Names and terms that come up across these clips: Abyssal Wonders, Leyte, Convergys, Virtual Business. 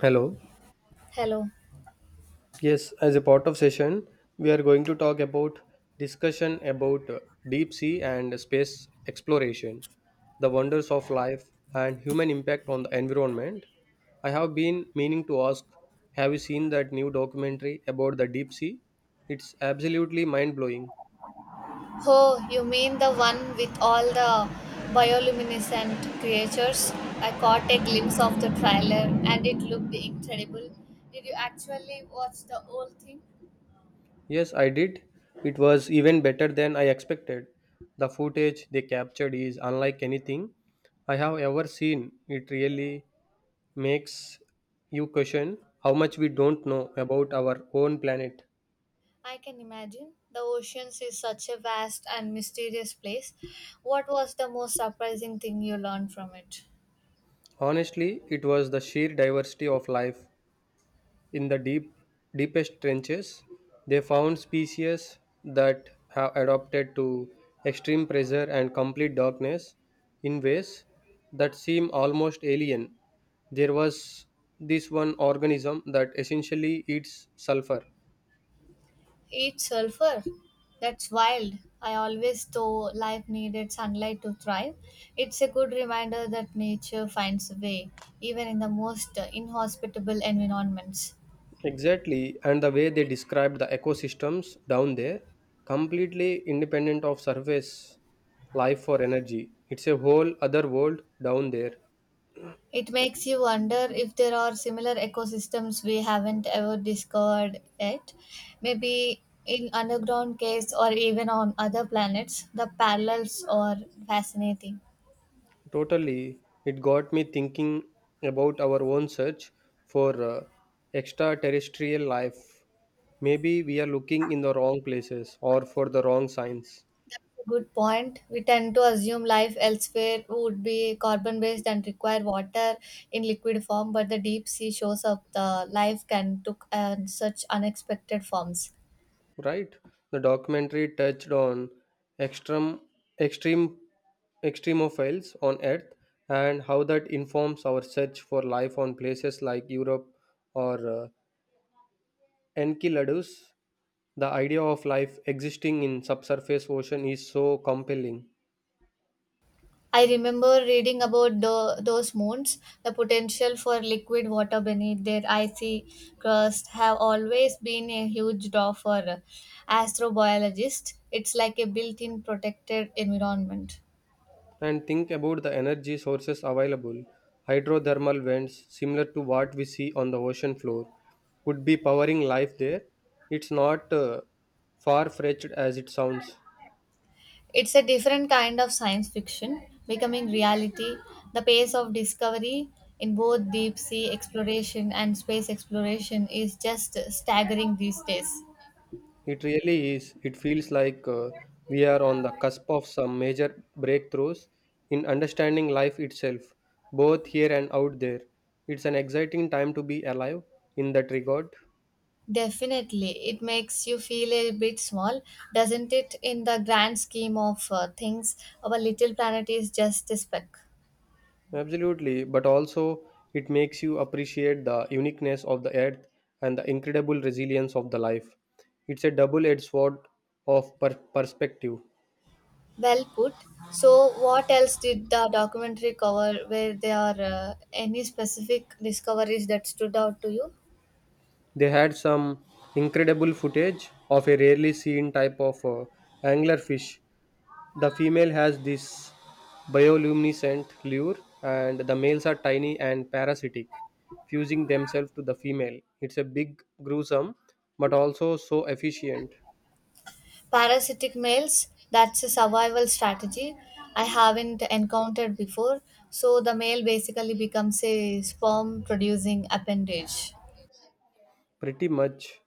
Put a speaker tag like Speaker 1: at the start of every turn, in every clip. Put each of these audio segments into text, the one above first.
Speaker 1: Hello.
Speaker 2: Hello.
Speaker 1: Yes, as a part of session, we are going to talk about discussion about deep sea and space exploration, the wonders of life and human impact on the environment. I have been meaning to ask, have you seen that new documentary about the deep sea? It's absolutely mind-blowing.
Speaker 2: Oh, you mean the one with all the bioluminescent creatures? I caught a glimpse of the trailer and it looked incredible. Did you actually watch the whole thing?
Speaker 1: Yes, I did. It was even better than I expected. The footage they captured is unlike anything I have ever seen. It really makes you question how much we don't know about our own planet.
Speaker 2: I can imagine. The oceans is such a vast and mysterious place. What was the most surprising thing you learned from it?
Speaker 1: Honestly, it was the sheer diversity of life in the deepest trenches. They found species that have adapted to extreme pressure and complete darkness in ways that seem almost alien. There was this one organism that essentially eats sulfur.
Speaker 2: Eat sulfur. That's wild. I always thought life needed sunlight to thrive. It's a good reminder that nature finds a way, even in the most inhospitable environments.
Speaker 1: Exactly, and the way they described the ecosystems down there, completely independent of surface life or energy. It's a whole other world down there.
Speaker 2: It makes you wonder if there are similar ecosystems we haven't ever discovered yet. Maybe in underground caves or even on other planets, the parallels are fascinating.
Speaker 1: Totally, it got me thinking about our own search for extraterrestrial life. Maybe we are looking in the wrong places or for the wrong signs.
Speaker 2: Good point. We tend to assume life elsewhere would be carbon based and require water in liquid form, but the deep sea shows up the life can took and such unexpected forms.
Speaker 1: Right. The documentary touched on extreme extreme extremophiles on Earth and how that informs our search for life on places like Europe or Enceladus. The idea of life existing in subsurface ocean is so compelling.
Speaker 2: I remember reading about those moons. The potential for liquid water beneath their icy crust have always been a huge draw for astrobiologists. It's like a built-in protected environment.
Speaker 1: And think about the energy sources available. Hydrothermal vents, similar to what we see on the ocean floor, could be powering life there. It's not far fetched as it sounds.
Speaker 2: It's a different kind of science fiction becoming reality. The pace of discovery in both deep sea exploration and space exploration is just staggering these days.
Speaker 1: It really is. It feels like we are on the cusp of some major breakthroughs in understanding life itself, both here and out there. It's an exciting time to be alive in that regard.
Speaker 2: Definitely, it makes you feel a bit small, doesn't it? In the grand scheme of things, our little planet is just a speck.
Speaker 1: Absolutely, but also it makes you appreciate the uniqueness of the earth and the incredible resilience of the life. It's a double edged sword of perspective.
Speaker 2: Well put. So, what else did the documentary cover? Were there any specific discoveries that stood out to you?
Speaker 1: They had some incredible footage of a rarely seen type of anglerfish. The female has this bioluminescent lure, and the males are tiny and parasitic, fusing themselves to the female. It's a big, gruesome, but also so efficient.
Speaker 2: Parasitic males, that's a survival strategy I haven't encountered before. So the male basically becomes a sperm producing appendage.
Speaker 1: Pretty much,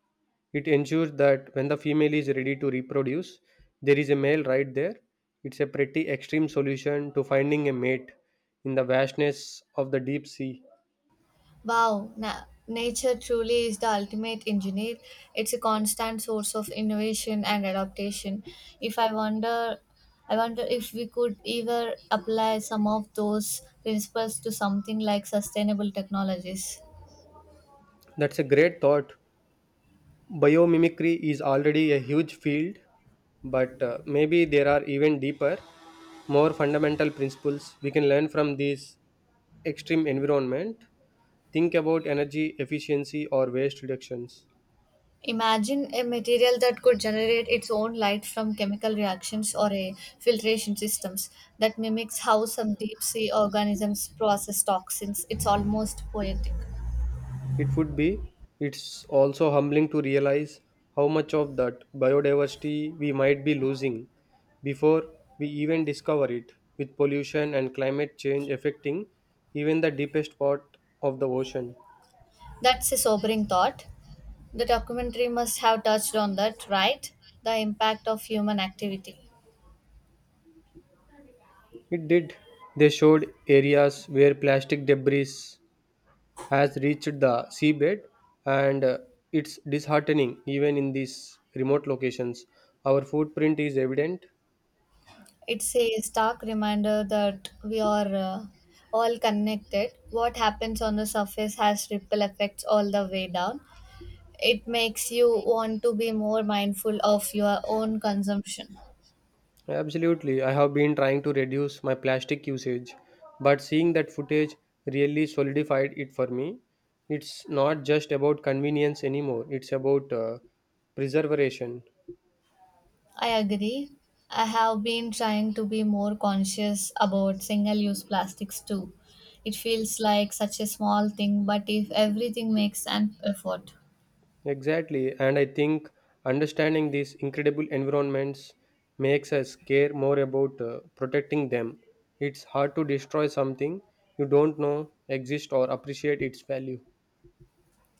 Speaker 1: it ensures that when the female is ready to reproduce, there is a male right there. It's a pretty extreme solution to finding a mate in the vastness of the deep sea.
Speaker 2: Wow, nature truly is the ultimate engineer. It's a constant source of innovation and adaptation. If I wonder I wonder if we could either apply some of those principles to something like sustainable technologies.
Speaker 1: That's a great thought. Biomimicry is already a huge field but maybe there are even deeper, more fundamental principles we can learn from these extreme environment. Think about energy efficiency or waste reductions.
Speaker 2: Imagine a material that could generate its own light from chemical reactions or a filtration systems that mimics how some deep sea organisms process toxins. It's almost poetic.
Speaker 1: It would be. It's also humbling to realize how much of that biodiversity we might be losing before we even discover it, with pollution and climate change affecting even the deepest part of the ocean.
Speaker 2: That's a sobering thought. The documentary must have touched on that, right? The impact of human activity.
Speaker 1: It did. They showed areas where plastic debris has reached the seabed and it's disheartening even in these remote locations. Our footprint is evident.
Speaker 2: It's a stark reminder that we are all connected. What happens on the surface has ripple effects all the way down. It makes you want to be more mindful of your own consumption.
Speaker 1: Absolutely, I have been trying to reduce my plastic usage, but seeing that footage really solidified it for me. It's not just about convenience anymore, it's about preservation.
Speaker 2: I agree. I have been trying to be more conscious about single use plastics too. It feels like such a small thing, but if everything makes an effort.
Speaker 1: Exactly, and I think understanding these incredible environments makes us care more about protecting them. It's hard to destroy something you don't know exists or appreciate its value.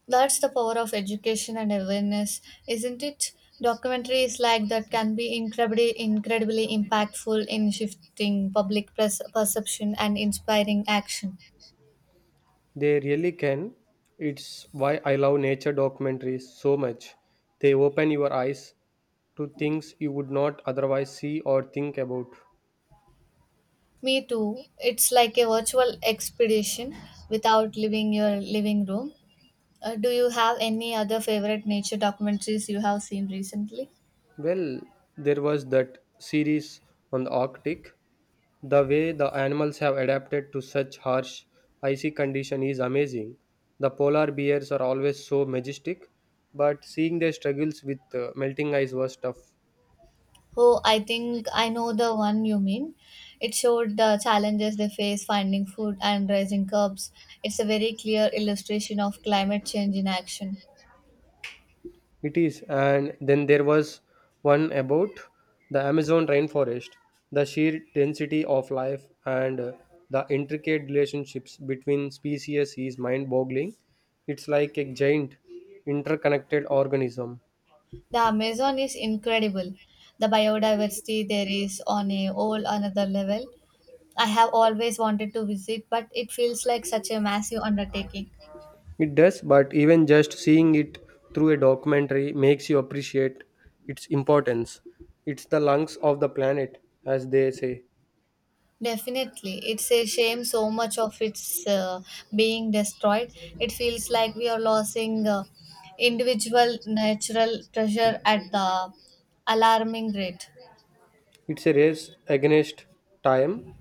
Speaker 2: That's the power of education and awareness, isn't it? Documentaries like that can be incredibly, incredibly impactful in shifting public perception and inspiring action.
Speaker 1: They really can. It's why I love nature documentaries so much. They open your eyes to things you would not otherwise see or think about.
Speaker 2: Me too. It's like a virtual expedition without leaving your living room. Do you have any other favorite nature documentaries you have seen recently?
Speaker 1: Well, there was that series on the Arctic. The way the animals have adapted to such harsh, icy condition is amazing. The polar bears are always so majestic, but seeing their struggles with melting ice was tough.
Speaker 2: Oh, I think I know the one you mean. It showed the challenges they face finding food and raising cubs. It's a very clear illustration of climate change in action.
Speaker 1: It is, and then there was one about the Amazon rainforest, the sheer density of life and the intricate relationships between species is mind boggling. It's like a giant interconnected organism.
Speaker 2: The Amazon is incredible. The biodiversity there is on a whole another level. I have always wanted to visit, but it feels like such a massive undertaking.
Speaker 1: It does, but even just seeing it through a documentary makes you appreciate its importance. It's the lungs of the planet, as they say.
Speaker 2: Definitely, it's a shame so much of it's being destroyed. It feels like we are losing individual natural treasure at the alarming rate.
Speaker 1: It's a race against time,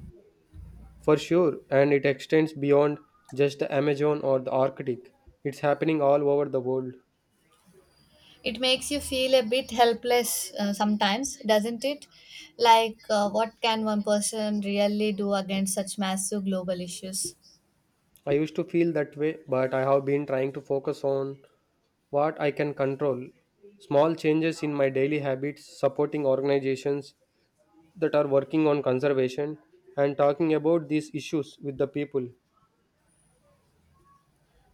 Speaker 1: for sure, and it extends beyond just the Amazon or the Arctic. It's happening all over the world.
Speaker 2: It makes you feel a bit helpless sometimes, doesn't it? Like, what can one person really do against such massive global issues?
Speaker 1: I used to feel that way, but I have been trying to focus on what I can control. Small changes in my daily habits, supporting organizations that are working on conservation and talking about these issues with the people.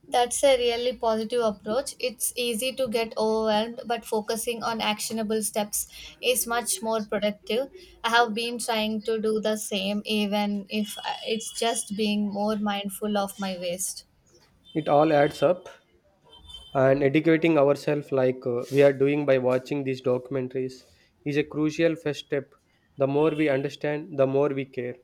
Speaker 2: That's a really positive approach. It's easy to get overwhelmed, but focusing on actionable steps is much more productive. I have been trying to do the same, even if it's just being more mindful of my waste.
Speaker 1: It all adds up, and educating ourselves like we are doing by watching these documentaries is a crucial first step. The more we understand, the more we care.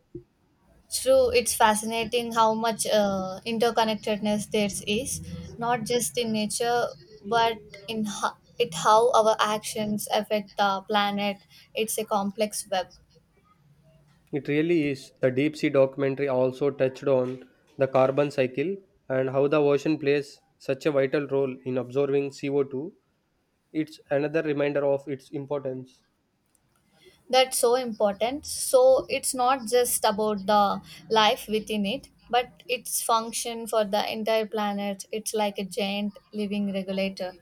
Speaker 2: True, it's fascinating how much interconnectedness there is, not just in nature, but in ho- it how our actions affect the planet. It's a complex web.
Speaker 1: It really is. The deep sea documentary also touched on the carbon cycle and how the ocean plays such a vital role in absorbing CO2. It's another reminder of its importance.
Speaker 2: That's so important. So it's not just about the life within it, but its function for the entire planet. It's like a giant living regulator.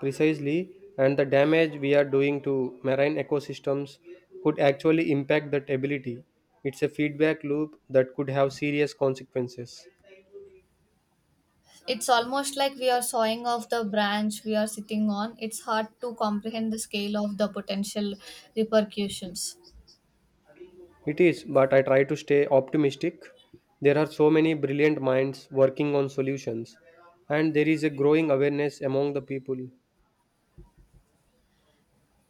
Speaker 1: Precisely, and the damage we are doing to marine ecosystems could actually impact that ability. It's a feedback loop that could have serious consequences.
Speaker 2: It's almost like we are sawing off the branch we are sitting on. It's hard to comprehend the scale of the potential repercussions.
Speaker 1: It is, but I try to stay optimistic. There are so many brilliant minds working on solutions, and there is a growing awareness among the people.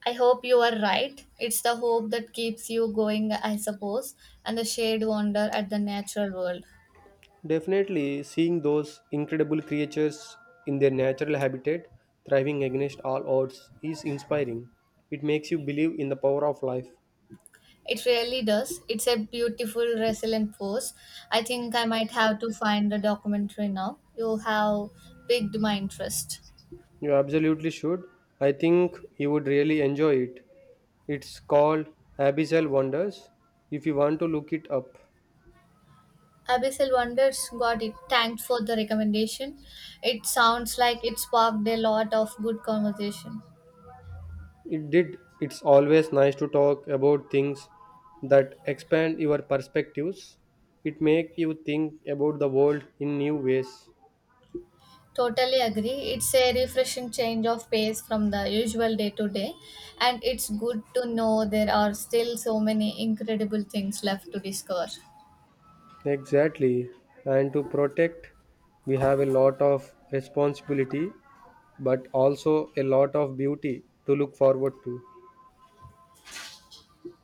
Speaker 2: I hope you are right. It's the hope that keeps you going, I suppose, and the shared wonder at the natural world.
Speaker 1: Definitely, seeing those incredible creatures in their natural habitat thriving against all odds is inspiring. It makes you believe in the power of life.
Speaker 2: It really does. It's a beautiful, resilient force. I think I might have to find the documentary now. You have piqued my interest.
Speaker 1: You absolutely should. I think you would really enjoy it. It's called Abyssal Wonders if you want to look it up.
Speaker 2: Abyssal Wonders, got it. Thanks for the recommendation. It sounds like it sparked a lot of good conversation.
Speaker 1: It did. It's always nice to talk about things that expand your perspectives. It make you think about the world in new ways.
Speaker 2: Totally agree. It's a refreshing change of pace from the usual day to day, and it's good to know there are still so many incredible things left to discover.
Speaker 1: Exactly. And to protect, we have a lot of responsibility, but also a lot of beauty to look forward to.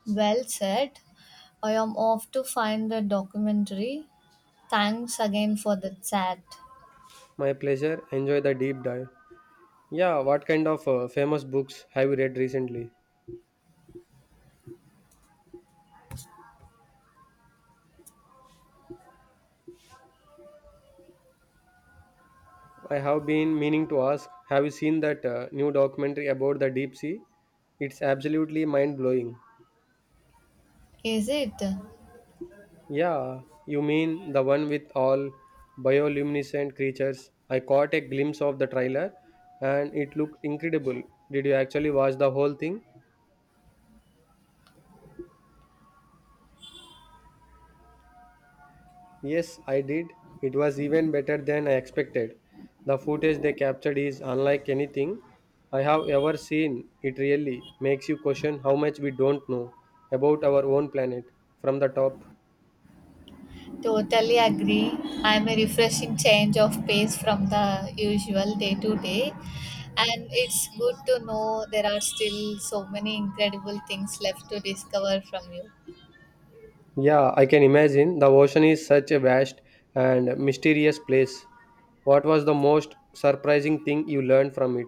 Speaker 2: Well said. I am off to find the documentary. Thanks again for the chat.
Speaker 1: My pleasure. Enjoy the deep dive. Yeah, what kind of famous books have you read recently? I have been meaning to ask, have you seen that new documentary about the deep sea? It's absolutely mind blowing.
Speaker 2: Is it?
Speaker 1: Yeah, you mean the one with all bioluminescent creatures? I caught a glimpse of the trailer and it looked incredible. Did you actually watch the whole thing? Yes, I did. It was even better than I expected. The footage they captured is unlike anything I have ever seen. It really makes you question how much we don't know about our own planet from the top.
Speaker 2: Totally agree. I'm a refreshing change of pace from the usual day to day. And it's good to know there are still so many incredible things left to discover from you.
Speaker 1: Yeah, I can imagine. The ocean is such a vast and mysterious place. What was the most surprising thing you learned from it?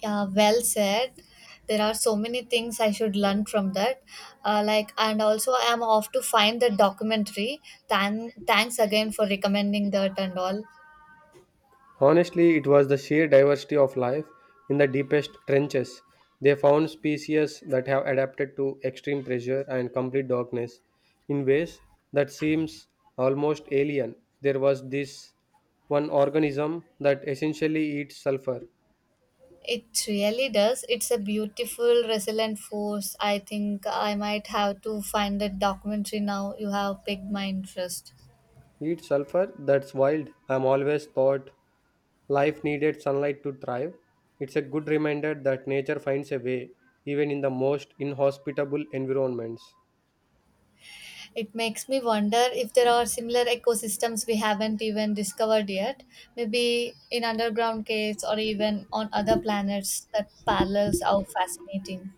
Speaker 2: Yeah, well said. There are so many things I should learn from that. And also I'm off to find the documentary. Thanks again for recommending that and all.
Speaker 1: Honestly, it was the sheer diversity of life in the deepest trenches. They found species that have adapted to extreme pressure and complete darkness in ways that seems almost alien. There was this one organism that essentially eats sulfur.
Speaker 2: It really does. It's a beautiful, resilient force. I think I might have to find that documentary now. You have piqued my interest.
Speaker 1: Eats sulfur? That's wild. I'm always thought life needed sunlight to thrive. It's a good reminder that nature finds a way even in the most inhospitable environments.
Speaker 2: It makes me wonder if there are similar ecosystems we haven't even discovered yet, maybe in underground caves or even on other planets that parallels are fascinating.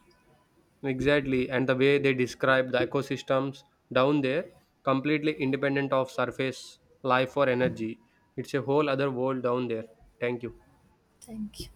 Speaker 1: Exactly, and the way they describe the ecosystems down there, completely independent of surface life or energy. It's a whole other world down there. Thank you.
Speaker 2: Thank you.